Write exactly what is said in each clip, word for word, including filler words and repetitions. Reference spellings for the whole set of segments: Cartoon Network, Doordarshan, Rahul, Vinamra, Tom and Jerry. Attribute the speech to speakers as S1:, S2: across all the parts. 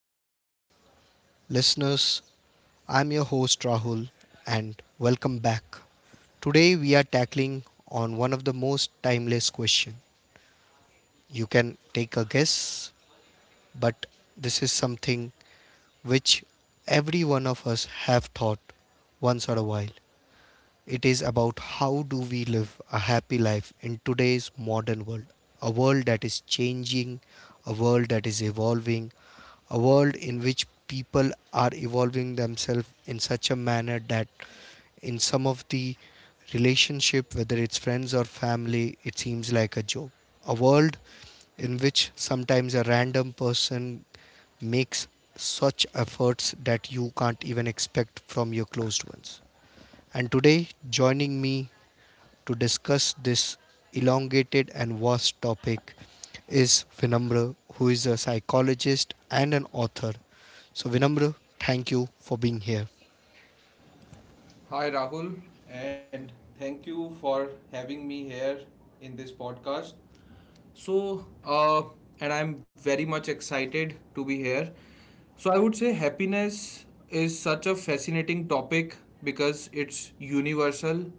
S1: to all our listeners. I'm your host Rahul, and welcome back. Today, we are tackling on one of the most timeless question. You can take a guess, but this is something which every one of us have thought once or a while. It is about how do we live a happy life in today's modern world, a world that is changing, a world that is evolving, a world in which people are evolving themselves in such a manner that in some of the relationship, whether it's friends or family, it seems like a joke. A world in which sometimes a random person makes such efforts that you can't even expect from your closed ones. And today, joining me to discuss this elongated and vast topic is Vinamra, who is a psychologist and an author. So, Vinamra, thank you for being here.
S2: Hi, Rahul, and thank you for having me here in this podcast. So, uh, and I'm very much excited to be here. So, I would say happiness is such a fascinating topic because it's universal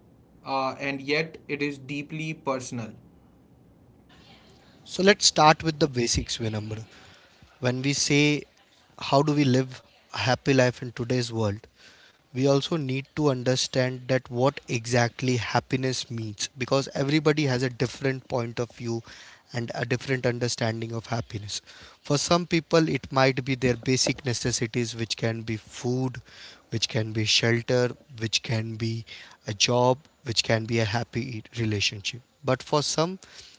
S2: uh, and yet it is deeply personal.
S1: So, let's start with the basics, Vinamra. When we say how do we live a happy life in today's world, we also need to understand that what exactly happiness means, because everybody has a different point of view and a different understanding of happiness. For some people it might be their basic necessities, which can be food, which can be shelter, which can be a job, which can be a happy relationship. But for some,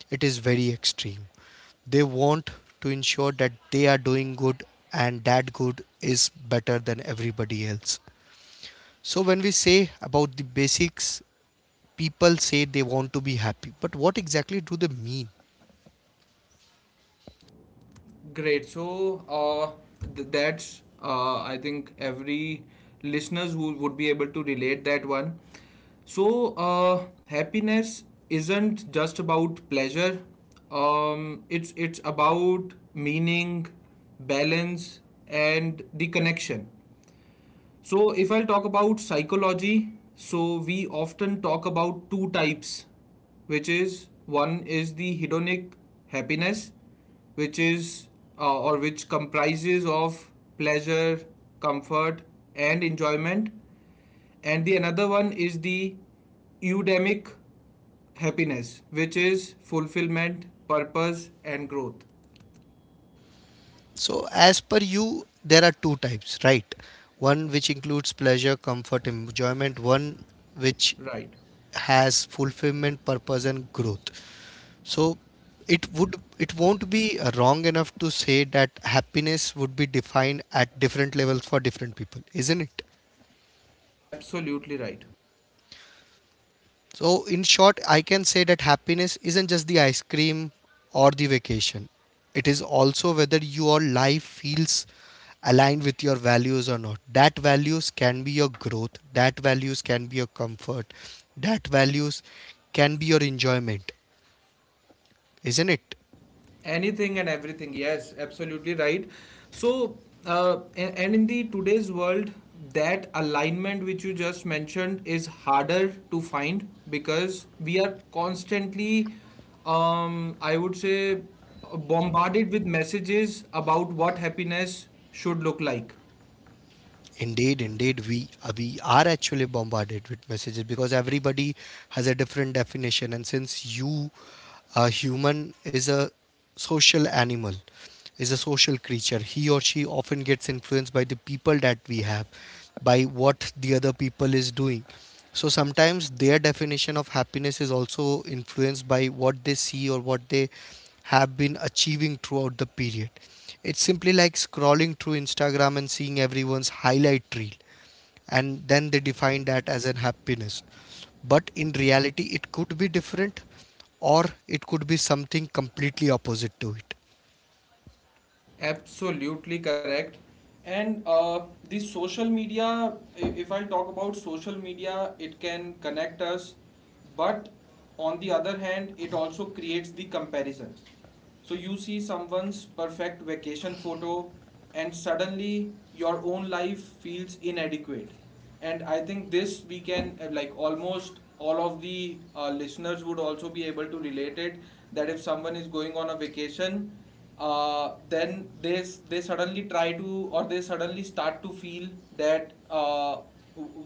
S1: it is very extreme. They want to ensure that they are doing good, and that good is better than everybody else. So, when we say about the basics, people say they want to be happy, but what exactly do they mean?
S2: Great. So uh, th- that's, uh, I think every listeners who would be able to relate that one. So uh, happiness isn't just about pleasure. Um, it's it's about meaning, balance, and the connection. So, if I'll talk about psychology, so we often talk about two types, which is one is the hedonic happiness, which is uh, or which comprises of pleasure, comfort, and enjoyment, and the another one is the eudemic happiness, which is fulfillment, purpose, and growth.
S1: So, as per you, there are two types, right? One which includes pleasure, comfort, enjoyment, one which
S2: Right,
S1: has fulfillment, purpose, and growth. So, it would it won't be uh, wrong enough to say that happiness would be defined at different levels for different people, isn't it?
S2: absolutely right.
S1: So, in short, I can say that happiness isn't just the ice cream or the vacation. It is also whether your life feels aligned with your values or not. That values can be your growth, that values can be your comfort, that values can be your enjoyment, isn't it?
S2: Anything and everything, yes, absolutely right. So uh, a- and in the today's world that alignment which you just mentioned is harder to find because we are constantly, um, I would say, bombarded with messages about what happiness should look like.
S1: Indeed, indeed, we uh, we are actually bombarded with messages, because everybody has a different definition, and since you, a human, is a social animal, is a social creature, he or she often gets influenced by the people that we have, by what the other people is doing. So sometimes their definition of happiness is also influenced by what they see or what they have been achieving throughout the period. It's simply like scrolling through Instagram and seeing everyone's highlight reel, and then they define that as an happiness. But in reality, it could be different, or it could be something completely opposite to it.
S2: Absolutely correct. And uh, the social media, i- if I'll talk about social media, it can connect us, but on the other hand, it also creates the comparison. So you see someone's perfect vacation photo, and suddenly your own life feels inadequate. And I think this we can, uh, like almost all of the uh, listeners would also be able to relate it, that if someone is going on a vacation, uh, then they s- they suddenly try to or they suddenly start to feel that, uh,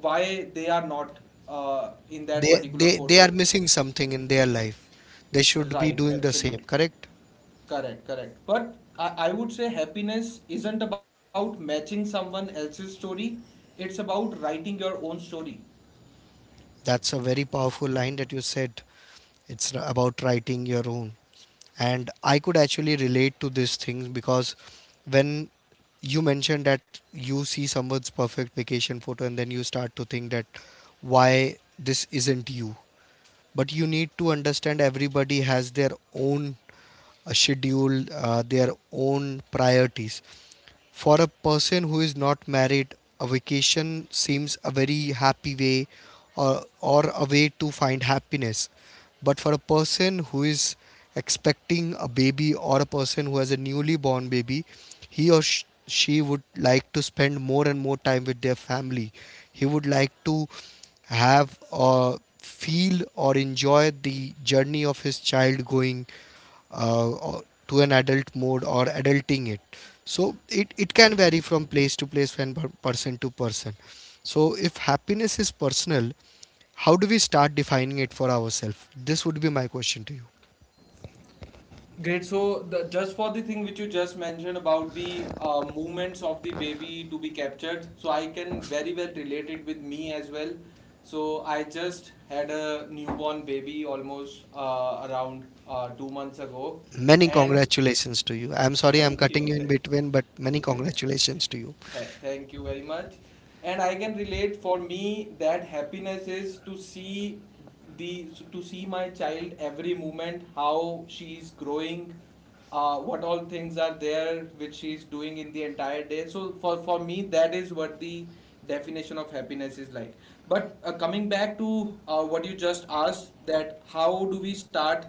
S2: why they are not uh, in that
S1: They
S2: particular
S1: they they
S2: photo.
S1: are missing something in their life. They should be
S2: Right,
S1: doing the same,
S2: absolutely.
S1: correct?
S2: Correct, correct. But I, I would say happiness isn't about matching someone else's story, it's about writing your own story.
S1: That's a very powerful line that you said. It's r- about writing your own. And I could actually relate to this thing, because when you mentioned that you see someone's perfect vacation photo and then you start to think that why this isn't you. But you need to understand everybody has their own uh, schedule, uh, their own priorities. For a person who is not married, a vacation seems a very happy way, or, or a way to find happiness. But for a person who is expecting a baby or a person who has a newly born baby, he or sh- she would like to spend more and more time with their family. He would like to have uh, feel or enjoy the journey of his child going uh, or- to an adult mode or adulting it. So it, it can vary from place to place and per- person to person. So if happiness is personal, how do we start defining it for ourselves? This would be my question to you.
S2: Great. So, the, just for the thing which you just mentioned about the uh, movements of the baby to be captured, so I can very well relate it with me as well. So, I just had a newborn baby almost uh, around uh, two months ago,
S1: Many
S2: and
S1: congratulations to you. I'm sorry, I'm
S2: thank
S1: cutting
S2: you.
S1: you in
S2: Thank
S1: between, but many congratulations to you.
S2: Th- thank you very much. And I can relate for me that happiness is to see the to see my child every moment how she's growing, uh, what all things are there which she's doing in the entire day. So for for me that is what the definition of happiness is like. But uh, coming back to, uh, what you just asked, that how do we start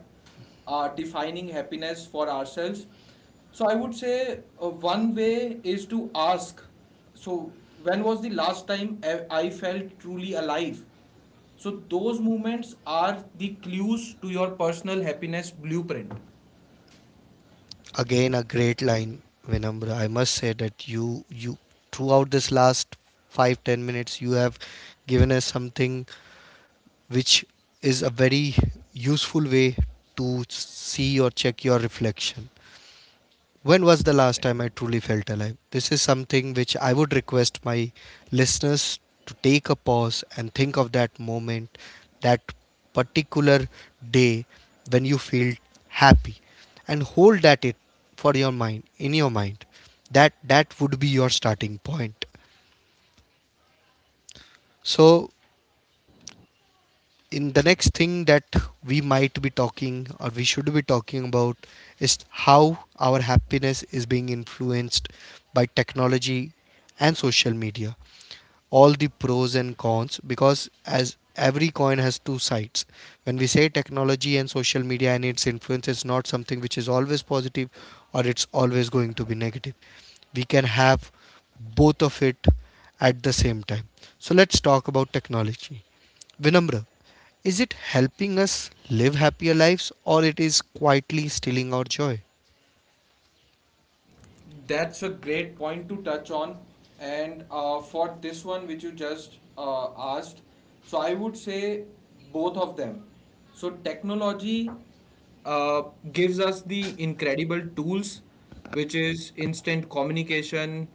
S2: uh, defining happiness for ourselves. So I would say, uh, one way is to ask. So when was the last time I I felt truly alive? So those moments are the clues to your personal happiness blueprint.
S1: Again, a great line, Vinamra. I must say that you, you, throughout this last five ten minutes, you have given us something which is a very useful way to see or check your reflection. When was the last time I truly felt alive? This is something which I would request my listeners to take a pause and think of that moment, that particular day when you feel happy and hold that it for your mind, in your mind, that that would be your starting point. So in the next thing that we might be talking or we should be talking about is how our happiness is being influenced by technology and social media, all the pros and cons, because as every coin has two sides, when we say technology and social media and its influence is not something which is always positive or it's always going to be negative, we can have both of it at the same time. So let's talk about technology, Vinamra. Is it helping us live happier lives, or it is quietly stealing our joy?
S2: That's a great point to touch on. And uh, for this one, which you just uh, asked, so I would say both of them. So, technology uh, gives us the incredible tools, which is instant communication,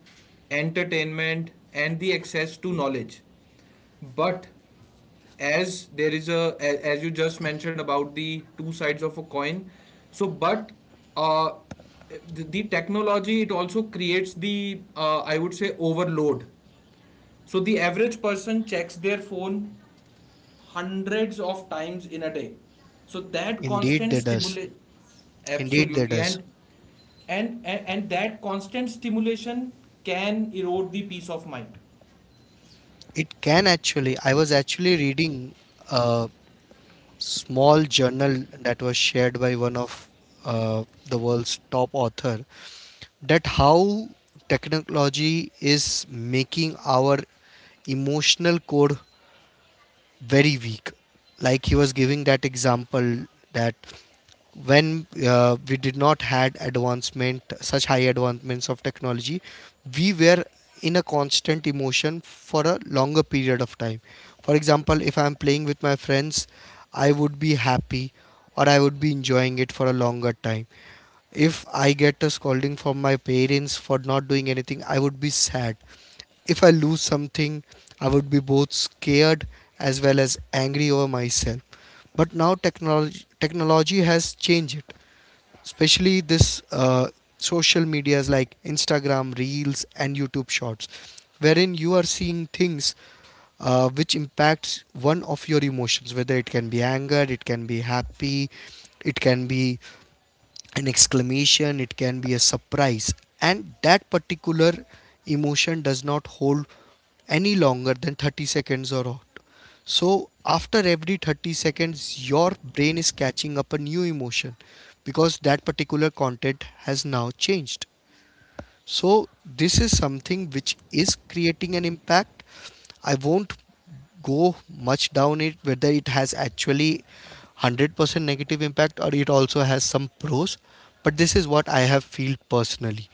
S2: entertainment, and the access to knowledge. But as there is a as you just mentioned about the two sides of a coin, so but uh, the, the technology, it also creates the, uh, I would say, overload. So the average person checks their phone hundreds of times in a day. So that
S1: Indeed,
S2: constant
S1: there does.
S2: stimulate.
S1: Indeed, there
S2: Absolutely.
S1: does.
S2: And and and, and that constant stimulation can erode the peace of mind.
S1: It can actually. I was actually reading uh, small journal that was shared by one of uh, the world's top author that how technology is making our emotional code very weak. Like he was giving that example that when uh, we did not had advancement, such high advancements of technology, we were in a constant emotion for a longer period of time. For example, if I am playing with my friends, I would be happy or I would be enjoying it for a longer time. If I get a scolding from my parents for not doing anything, I would be sad. If I lose something, I would be both scared as well as angry over myself. But now technology technology has changed it, especially this uh, social medias like Instagram Reels and YouTube Shorts, wherein you are seeing things uh, which impacts one of your emotions, whether it can be anger, it can be happy, it can be an exclamation, it can be a surprise. And that particular emotion does not hold any longer than thirty seconds or out. So, after every thirty seconds, your brain is catching up a new emotion because that particular content has now changed. So this is something which is creating an impact. I won't go much down it whether it has actually one hundred percent negative impact or it also has some pros, but this is what I have felt personally.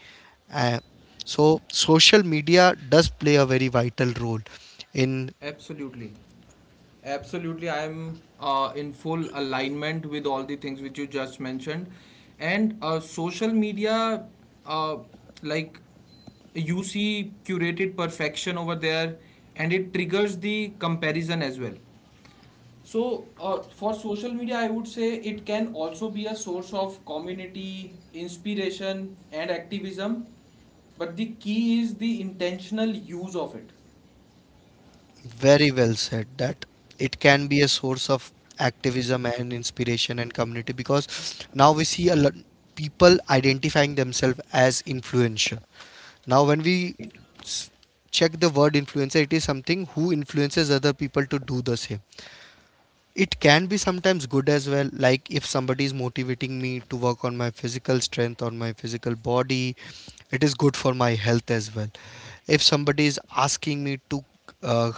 S1: Uh, so social media does play a very vital role in.
S2: Absolutely. Absolutely, I am, uh, in full alignment with all the things which you just mentioned. And uh, social media, uh, like you see curated perfection over there, and it triggers the comparison as well. So, uh, for social media, I would say it can also be a source of community, inspiration, and activism. But the key is the intentional use of it.
S1: Very well said that it can be a source of activism and inspiration and community, because now we see a lot people identifying themselves as influencer. Now when we
S2: Right,
S1: s- check the word influencer, it is something who influences other people to do the same. It can be sometimes good as well, like if somebody is motivating me to work on my physical strength or my physical body, it is good for my health as well. If somebody is asking me to uh,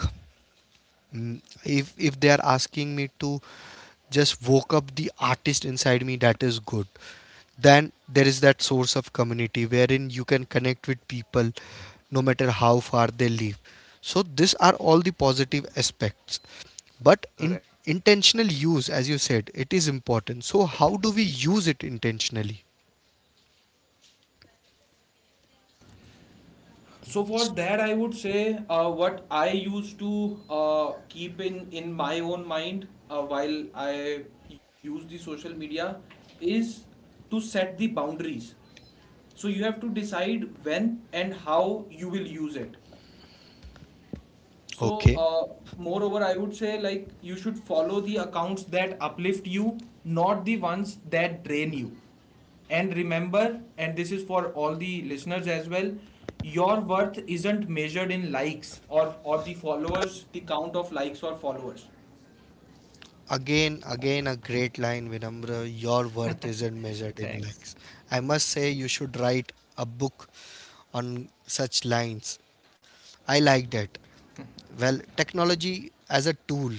S1: Mm, If if they are asking me to just woke up the artist inside me, that is good. Then there is that source of community wherein you can connect with people no matter how far they live. So these are all the positive aspects. But in
S2: correct.
S1: intentional use, as you said, it is important. So how do we use it intentionally?
S2: So for that, I would say, uh, what I used to, uh, keep in in my own mind uh, while I use the social media, is to set the boundaries. So you have to decide when and how you will use it. So,
S1: Okay.
S2: uh, moreover, I would say, like you should follow the accounts that uplift you, not the ones that drain you. And remember, and this is for all the listeners as well, your worth isn't measured in likes, or, or the followers, the count of likes or followers.
S1: Again, again, a great line, Vinamra. Your worth isn't measured in
S2: Thanks.
S1: likes. I must say, you should write a book on such lines. I like that. Well, technology as a tool,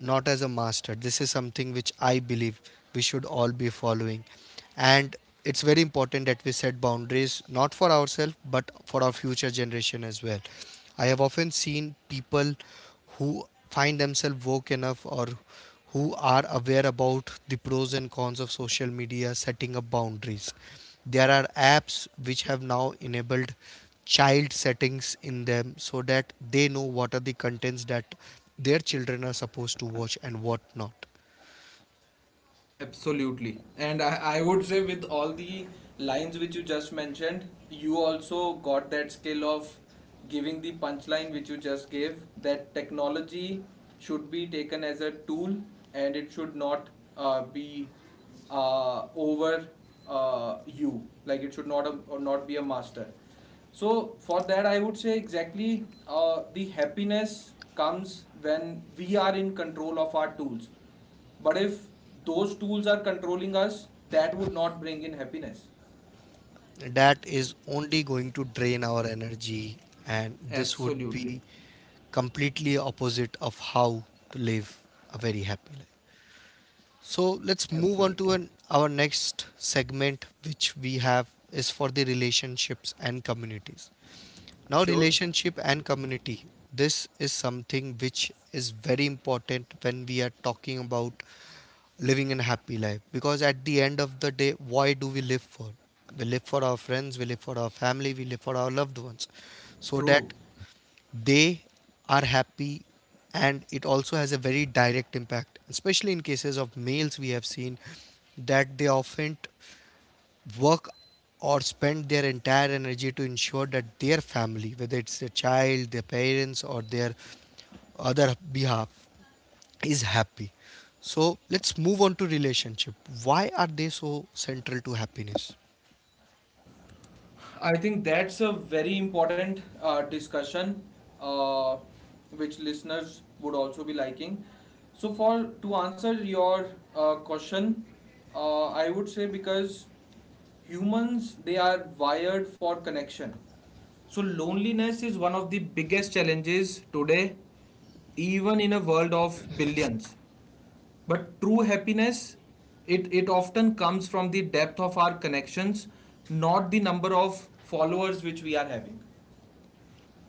S1: not as a master. This is something which I believe we should all be following. And it's very important that we set boundaries, not for ourselves, but for our future generation as well. I have often seen people who find themselves woke enough or who are aware about the pros and cons of social media setting up boundaries. There are apps which have now enabled child settings in them so that they know what are the contents that their children are supposed to watch and what not.
S2: Absolutely. And I, I would say, with all the lines which you just mentioned, you also got that skill of giving the punchline which you just gave, that technology should be taken as a tool and it should not, uh, be, uh, over, uh, you. Like it should not, or not be a master. So for that, I would say exactly, uh, the happiness comes when we are in control of our tools, but if those tools are controlling us, that would not bring in happiness.
S1: That is only going to drain our energy, and this would
S2: Absolutely.
S1: be completely opposite of how to live a very happy life. So let's move on
S2: Absolutely.
S1: to an, our next segment, which we have is for the relationships and communities. Now,
S2: Sure.
S1: relationship and community. This is something which is very important when we are talking about living a happy life, because at the end of the day, why do we live for? We live for our friends, we live for our family, we live for our loved ones so
S2: True.
S1: that they are happy. And it also has a very direct impact, especially in cases of males. We have seen that they often work or spend their entire energy to ensure that their family, whether it's their child, their parents, or their other behalf, is happy. So let's move on to relationship. Why are they so central to happiness?
S2: I think that's a very important, uh, discussion, uh, which listeners would also be liking. So, for to answer your uh, question, uh, I would say, because humans, they are wired for connection. So, loneliness is one of the biggest challenges today, even in a world of billions. But true happiness, it, it often comes from the depth of our connections, not the number of followers which we are having.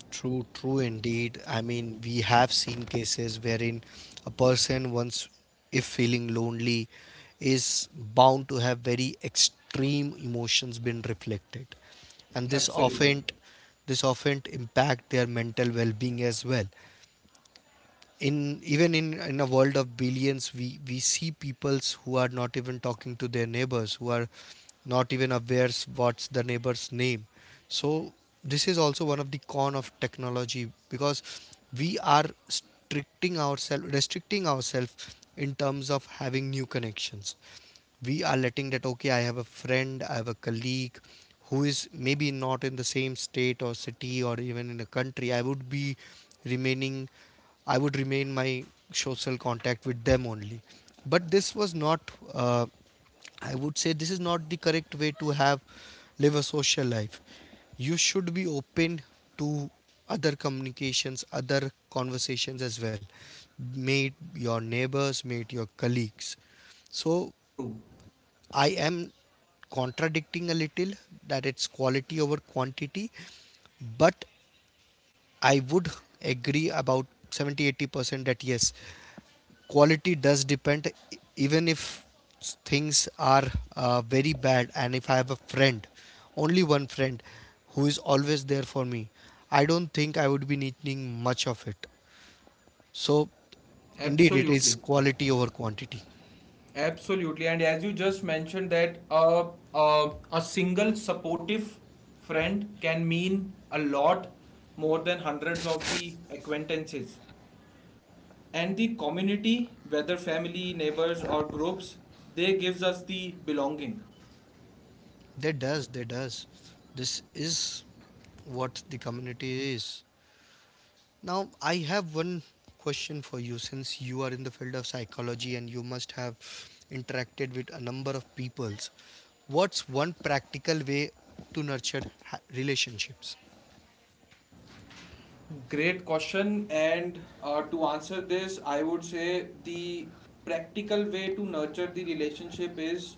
S1: True, true indeed. I mean, we have seen cases wherein a person, once if feeling lonely, is bound to have very extreme emotions been reflected, and this
S2: Absolutely.
S1: often, this often impact their mental well-being as well. In even in in a world of billions, we we see peoples who are not even talking to their neighbors, who are not even aware, s- what's the neighbor's name. So this is also one of the con of technology, because we are restricting ourselves restricting ourselves in terms of having new connections. We are letting that, okay, I have a friend, I have a colleague who is maybe not in the same state or city or even in a country, i would be remaining I would remain my social contact with them only. But this was not, uh, I would say, this is not the correct way to have live a social life. You should be open to other communications, other conversations as well, may it your neighbors, may it your colleagues. So
S2: True.
S1: I am contradicting a little that it's quality over quantity, but I would agree about seventy, eighty percent that yes, quality does depend, e- even if things are uh, very bad, and if I have a friend, only one friend, who is always there for me, I don't think I would be needing much of it. So indeed, it is
S2: Absolutely.
S1: quality over quantity.
S2: Absolutely. And as you just mentioned, that, uh, uh, a single supportive friend can mean a lot more than hundreds of the acquaintances. And the community, whether family, neighbors, or groups, they gives us the belonging.
S1: That does, that does. This is what the community is. Now, I have one question for you, since you are in the field of psychology and you must have interacted with a number of peoples. What's one practical way to nurture ha- relationships?
S2: Great question. And uh, to answer this, I would say the practical way to nurture the relationship is,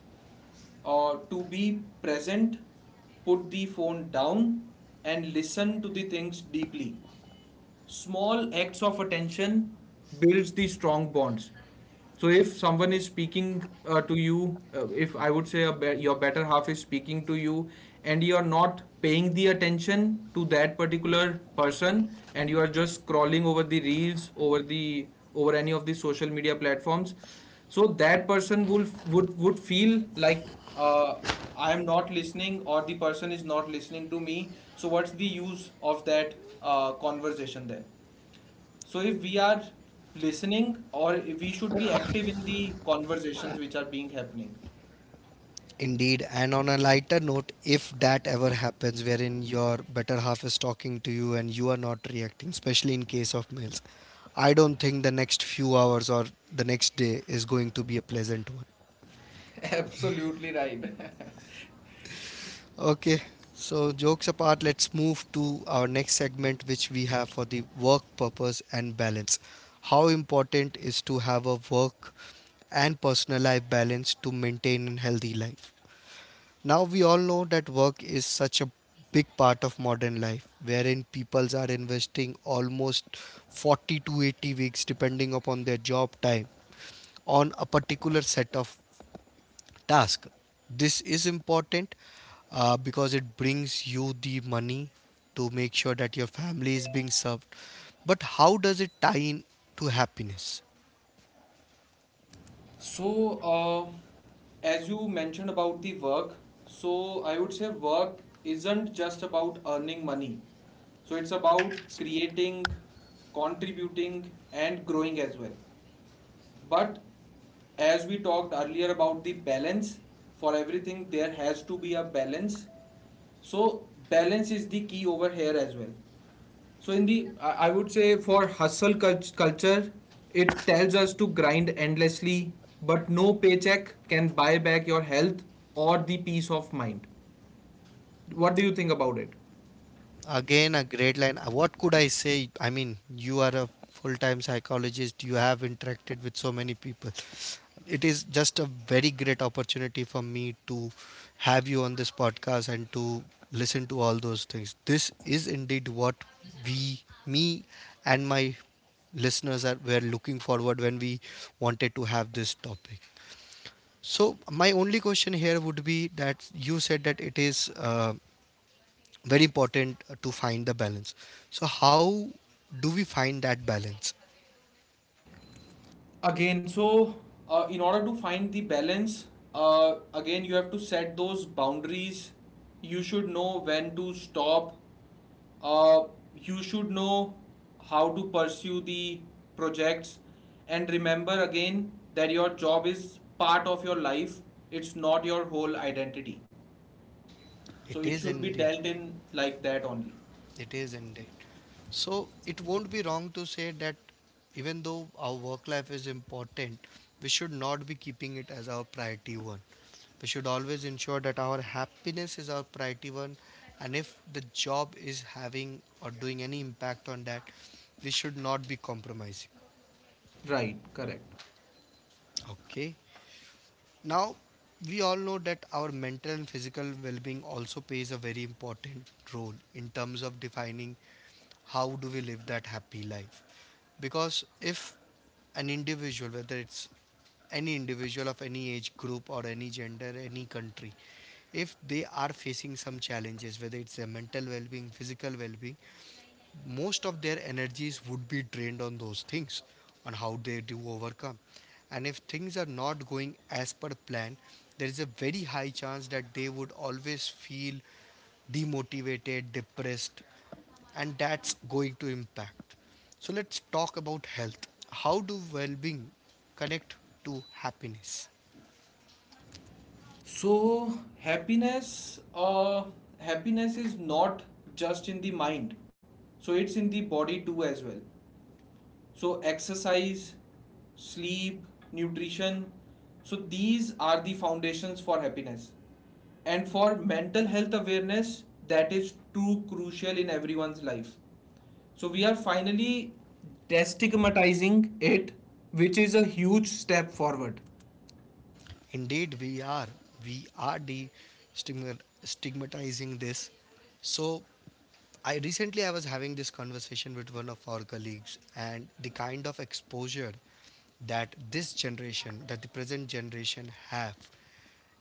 S2: uh, to be present, put the phone down, and listen to the things deeply. Small acts of attention builds the strong bonds. So if someone is speaking, uh, to you, uh, if I would say, a be- your better half is speaking to you and you are not paying the attention to that particular person and you are just scrolling over the reels, over the over any of the social media platforms, so that person will would would feel like, uh, I am not listening, or the person is not listening to me. So what's the use of that, uh, conversation then? So if we are listening, or if we should be active in the conversations which are being happening.
S1: Indeed, and on a lighter note, if that ever happens, wherein your better half is talking to you and you are not reacting, especially in case of males, I don't think the next few hours or the next day is going to be a pleasant one.
S2: Absolutely right.
S1: Okay, so jokes apart, let's move to our next segment, which we have for the work purpose and balance. How important is to have a work and personal life balance to maintain a healthy life? Now we all know that work is such a big part of modern life, wherein peoples are investing almost forty to eighty weeks, depending upon their job time, on a particular set of task. This is important, uh, because it brings you the money to make sure that your family is being served. But how does it tie in to happiness?
S2: So, uh, as you mentioned about the work, so I would say work isn't just about earning money. So, it's about creating, contributing, and growing as well. But as we talked earlier about the balance, for everything, there has to be a balance. So, balance is the key over here as well. So in the, I would say, for hustle culture, it tells us to grind endlessly, but no paycheck can buy back your health or the peace of mind. What do you think about it?
S1: Again, a great line. Uh, What could I say? I mean, you are a full time psychologist, you have interacted with so many people. It is just a very great opportunity for me to have you on this podcast and to listen to all those things. This is indeed what we, me, and my listeners are were looking forward when we wanted to have this topic. So my only question here would be that you said that it is uh, very important uh, to find the balance. So how do we find that balance?
S2: Again, so, uh, in order to find the balance, uh, again you have to set those boundaries. You should know when to stop. Uh, you should know how to pursue the projects, and remember again that your job is part of your life. It's not your whole identity.
S1: It
S2: So it
S1: is
S2: should be
S1: indeed.
S2: dealt in like that only.
S1: It is indeed. So it won't be wrong to say that even though our work life is important, we should not be keeping it as our priority one. We should always ensure that our happiness is our priority one, and if the job is having or doing any impact on that, we should not be compromising.
S2: Right. Correct.
S1: Okay. Now, we all know that our mental and physical well being also plays a very important role in terms of defining how do we live that happy life. Because if an individual, whether it's any individual of any age group or any gender, any country, if they are facing some challenges, whether it's their mental well being, physical well being, most of their energies would be drained on those things, on how they do overcome. And if things are not going as per plan, there is a very high chance that they would always feel demotivated, depressed, and that's going to impact. So let's talk about health. How do well-being connect to happiness?
S2: So, happiness, uh, happiness is not just in the mind. So it's in the body too as well. So exercise, sleep, nutrition. So these are the foundations for happiness. And for mental health awareness, that is too crucial in everyone's life. So we are finally destigmatizing it, which is a huge step forward.
S1: Indeed, we are we are de stigmatizing this. So I recently I was having this conversation with one of our colleagues, and the kind of exposure that this generation that the present generation have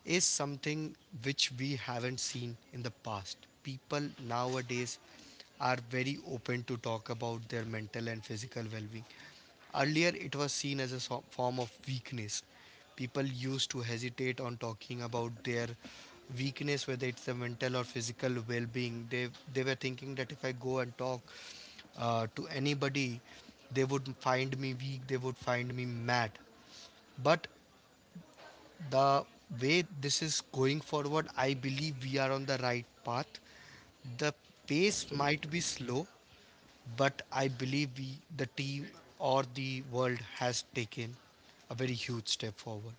S1: is something which we haven't seen in the past. People nowadays are very open to talk about their mental and physical well being. Earlier, it was seen as a so- form of weakness. People used to hesitate on talking about their weakness, whether it's the mental or physical well being. They, they were thinking that if I go and talk uh, to anybody, they would find me weak, they would find me mad. But the way this is going forward, I believe we are on the right path. The pace
S2: Absolutely.
S1: might be slow, but I believe we, the team or the world, has taken a very huge step forward.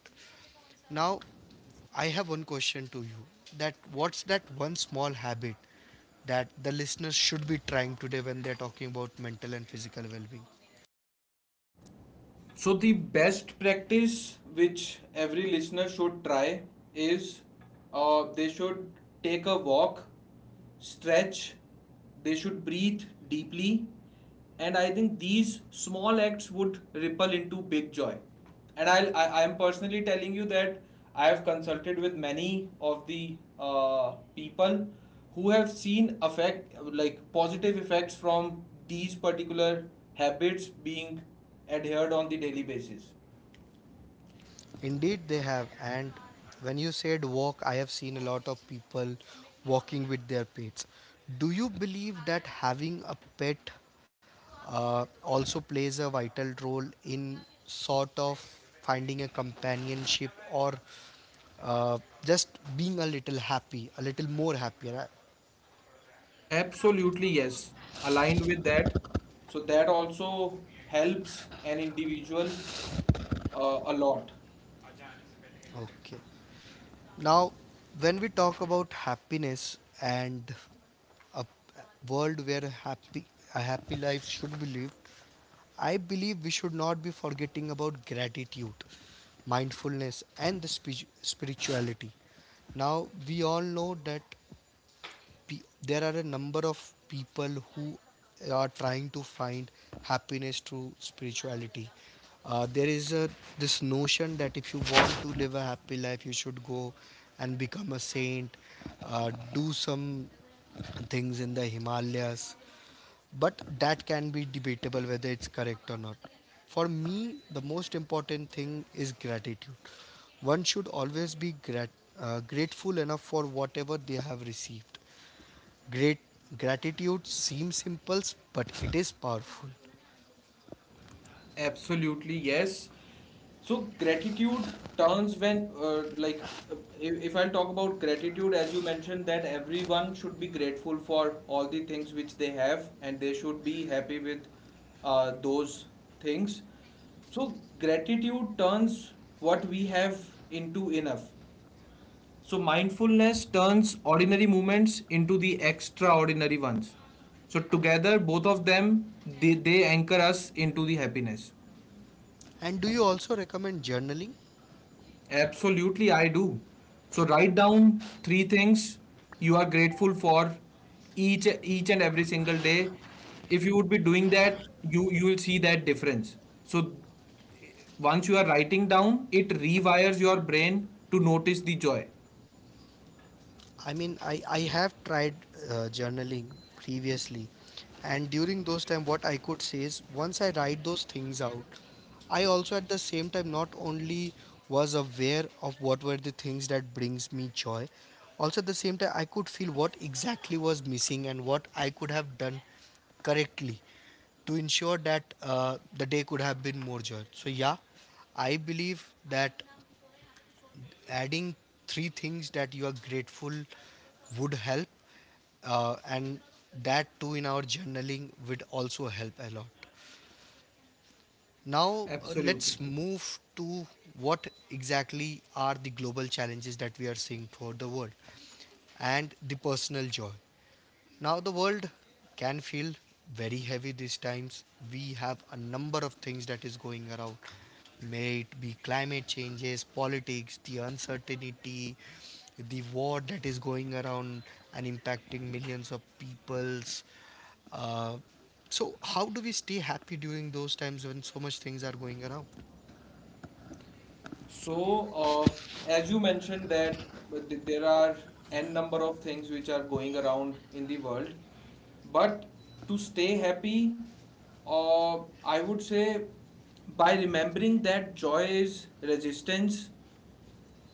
S1: Now, I have one question to you, that what's that one small habit that the listeners should be trying today when they're talking about mental and physical well-being?
S2: So, the best practice which every listener should try is, uh, they should take a walk, stretch, they should breathe deeply, and I think these small acts would ripple into big joy. And I'll, I I am personally telling you that I have consulted with many of the uh, people who have seen effect, like positive effects from these particular habits being adhered on the daily basis.
S1: Indeed, they have. And when you said walk, I have seen a lot of people walking with their pets. Do you believe that having a pet uh, also plays a vital role in sort of finding a companionship, or uh, just being a little happy, a little more happier?
S2: Absolutely, yes. Aligned with that. So that also helps an individual, uh, a lot.
S1: Okay. Now, when we talk about happiness and a world where a happy a happy life should be lived, I believe we should not be forgetting about gratitude, mindfulness, and the spi- spirituality. Now we all know that pe- there are a number of people who are trying to find happiness through spirituality. Uh, there is a this notion that if you want to live a happy life, you should go and become a saint, uh, do some things in the Himalayas. But that can be debatable, whether it's correct or not. For me, the most important thing is gratitude. One should always be grat- uh, grateful enough for whatever they have received. Great. Gratitude seems simple, but it is powerful.
S2: Absolutely, yes. So gratitude turns, when uh, like uh, if, if I'll talk about gratitude, as you mentioned that everyone should be grateful for all the things which they have and they should be happy with, uh, those things. So gratitude turns what we have into enough. So mindfulness turns ordinary moments into the extraordinary ones. So together, both of them, they, they anchor us into the happiness.
S1: And do you also recommend journaling?
S2: Absolutely, I do. So write down three things you are grateful for each each and every single day. If you would be doing that, you you will see that difference. So once you are writing down, it rewires your brain to notice the joy.
S1: I mean, I, I have tried uh, journaling previously, and during those time, what I could say is, once I write those things out, I also at the same time not only was aware of what were the things that brings me joy, also at the same time I could feel what exactly was missing and what I could have done correctly to ensure that uh, the day could have been more joy. So yeah, I believe that adding three things that you are grateful would help, uh, and that too in our journaling would also help a lot. Now uh,
S2: Absolutely.
S1: let's move to what exactly are the global challenges that we are seeing throughout the world, and the personal joy. Now, the world can feel very heavy these times. We have a number of things that is going around. May it be climate changes, politics, the uncertainty, the war that is going around and impacting millions of peoples. Uh, so, how do we stay happy during those times when so much things are going around?
S2: So, uh, as you mentioned that there are n number of things which are going around in the world, but to stay happy, uh, I would say, by remembering that joy is resistance.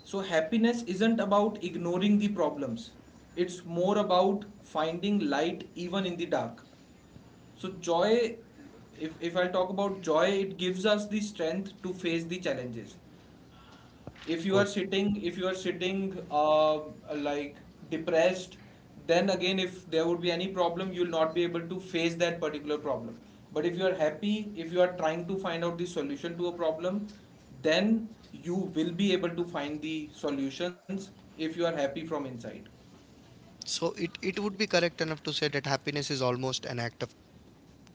S2: So, happiness isn't about ignoring the problems, it's more about finding light even in the dark. So, joy if if I talk about joy, it gives us the strength to face the challenges. if you are
S1: Oh,
S2: sitting if you are sitting uh, like depressed, then again, if there would be any problem, you'll not be able to face that particular problem. But if you are happy, if you are trying to find out the solution to a problem, then you will be able to find the solutions if you are happy from inside.
S1: so it, it would be correct enough to say that happiness is almost an act of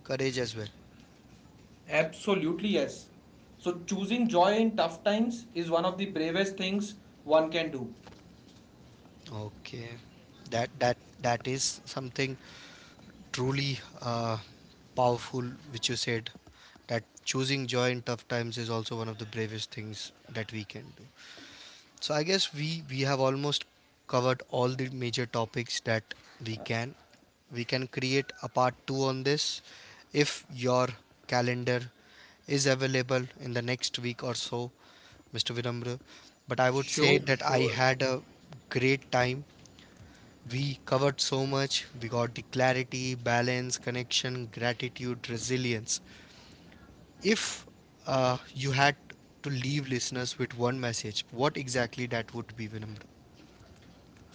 S1: courage as well.
S2: Absolutely, yes. So choosing joy in tough times is one of the bravest things one can do.
S1: Okay, that that that is something truly uh, powerful, which you said, that choosing joy in tough times is also one of the bravest things that we can do. So I guess we we have almost covered all the major topics that we can. We can create a part two on this, if your calendar is available in the next week or so, mister Vinamra. But I would say
S2: Sure,
S1: that I
S2: sure.
S1: had a great time. We covered so much. We got the clarity, balance, connection, gratitude, resilience. If uh, you had to leave listeners with one message, what exactly that would be, Vinamra?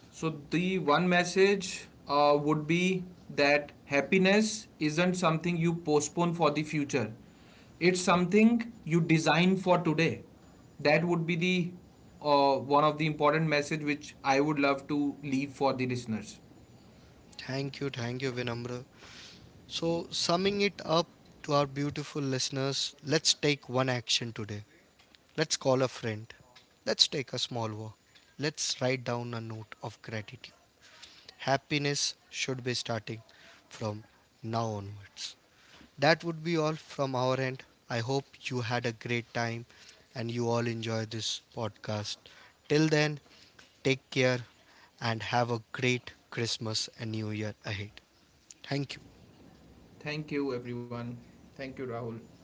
S2: So the one message, uh, would be that happiness isn't something you postpone for the future. It's something you design for today. That would be the, uh, one of the important message which I would love to leave for the listeners.
S1: Thank you, thank you, Vinamra. So, summing it up to our beautiful listeners, let's take one action today. Let's call a friend. Let's take a small walk. Let's write down a note of gratitude. Happiness should be starting from now onwards. That would be all from our end. I hope you had a great time and you all enjoy this podcast. Till then, take care and have a great Christmas and New Year ahead. Thank you.
S2: Thank you, everyone. Thank you, Rahul.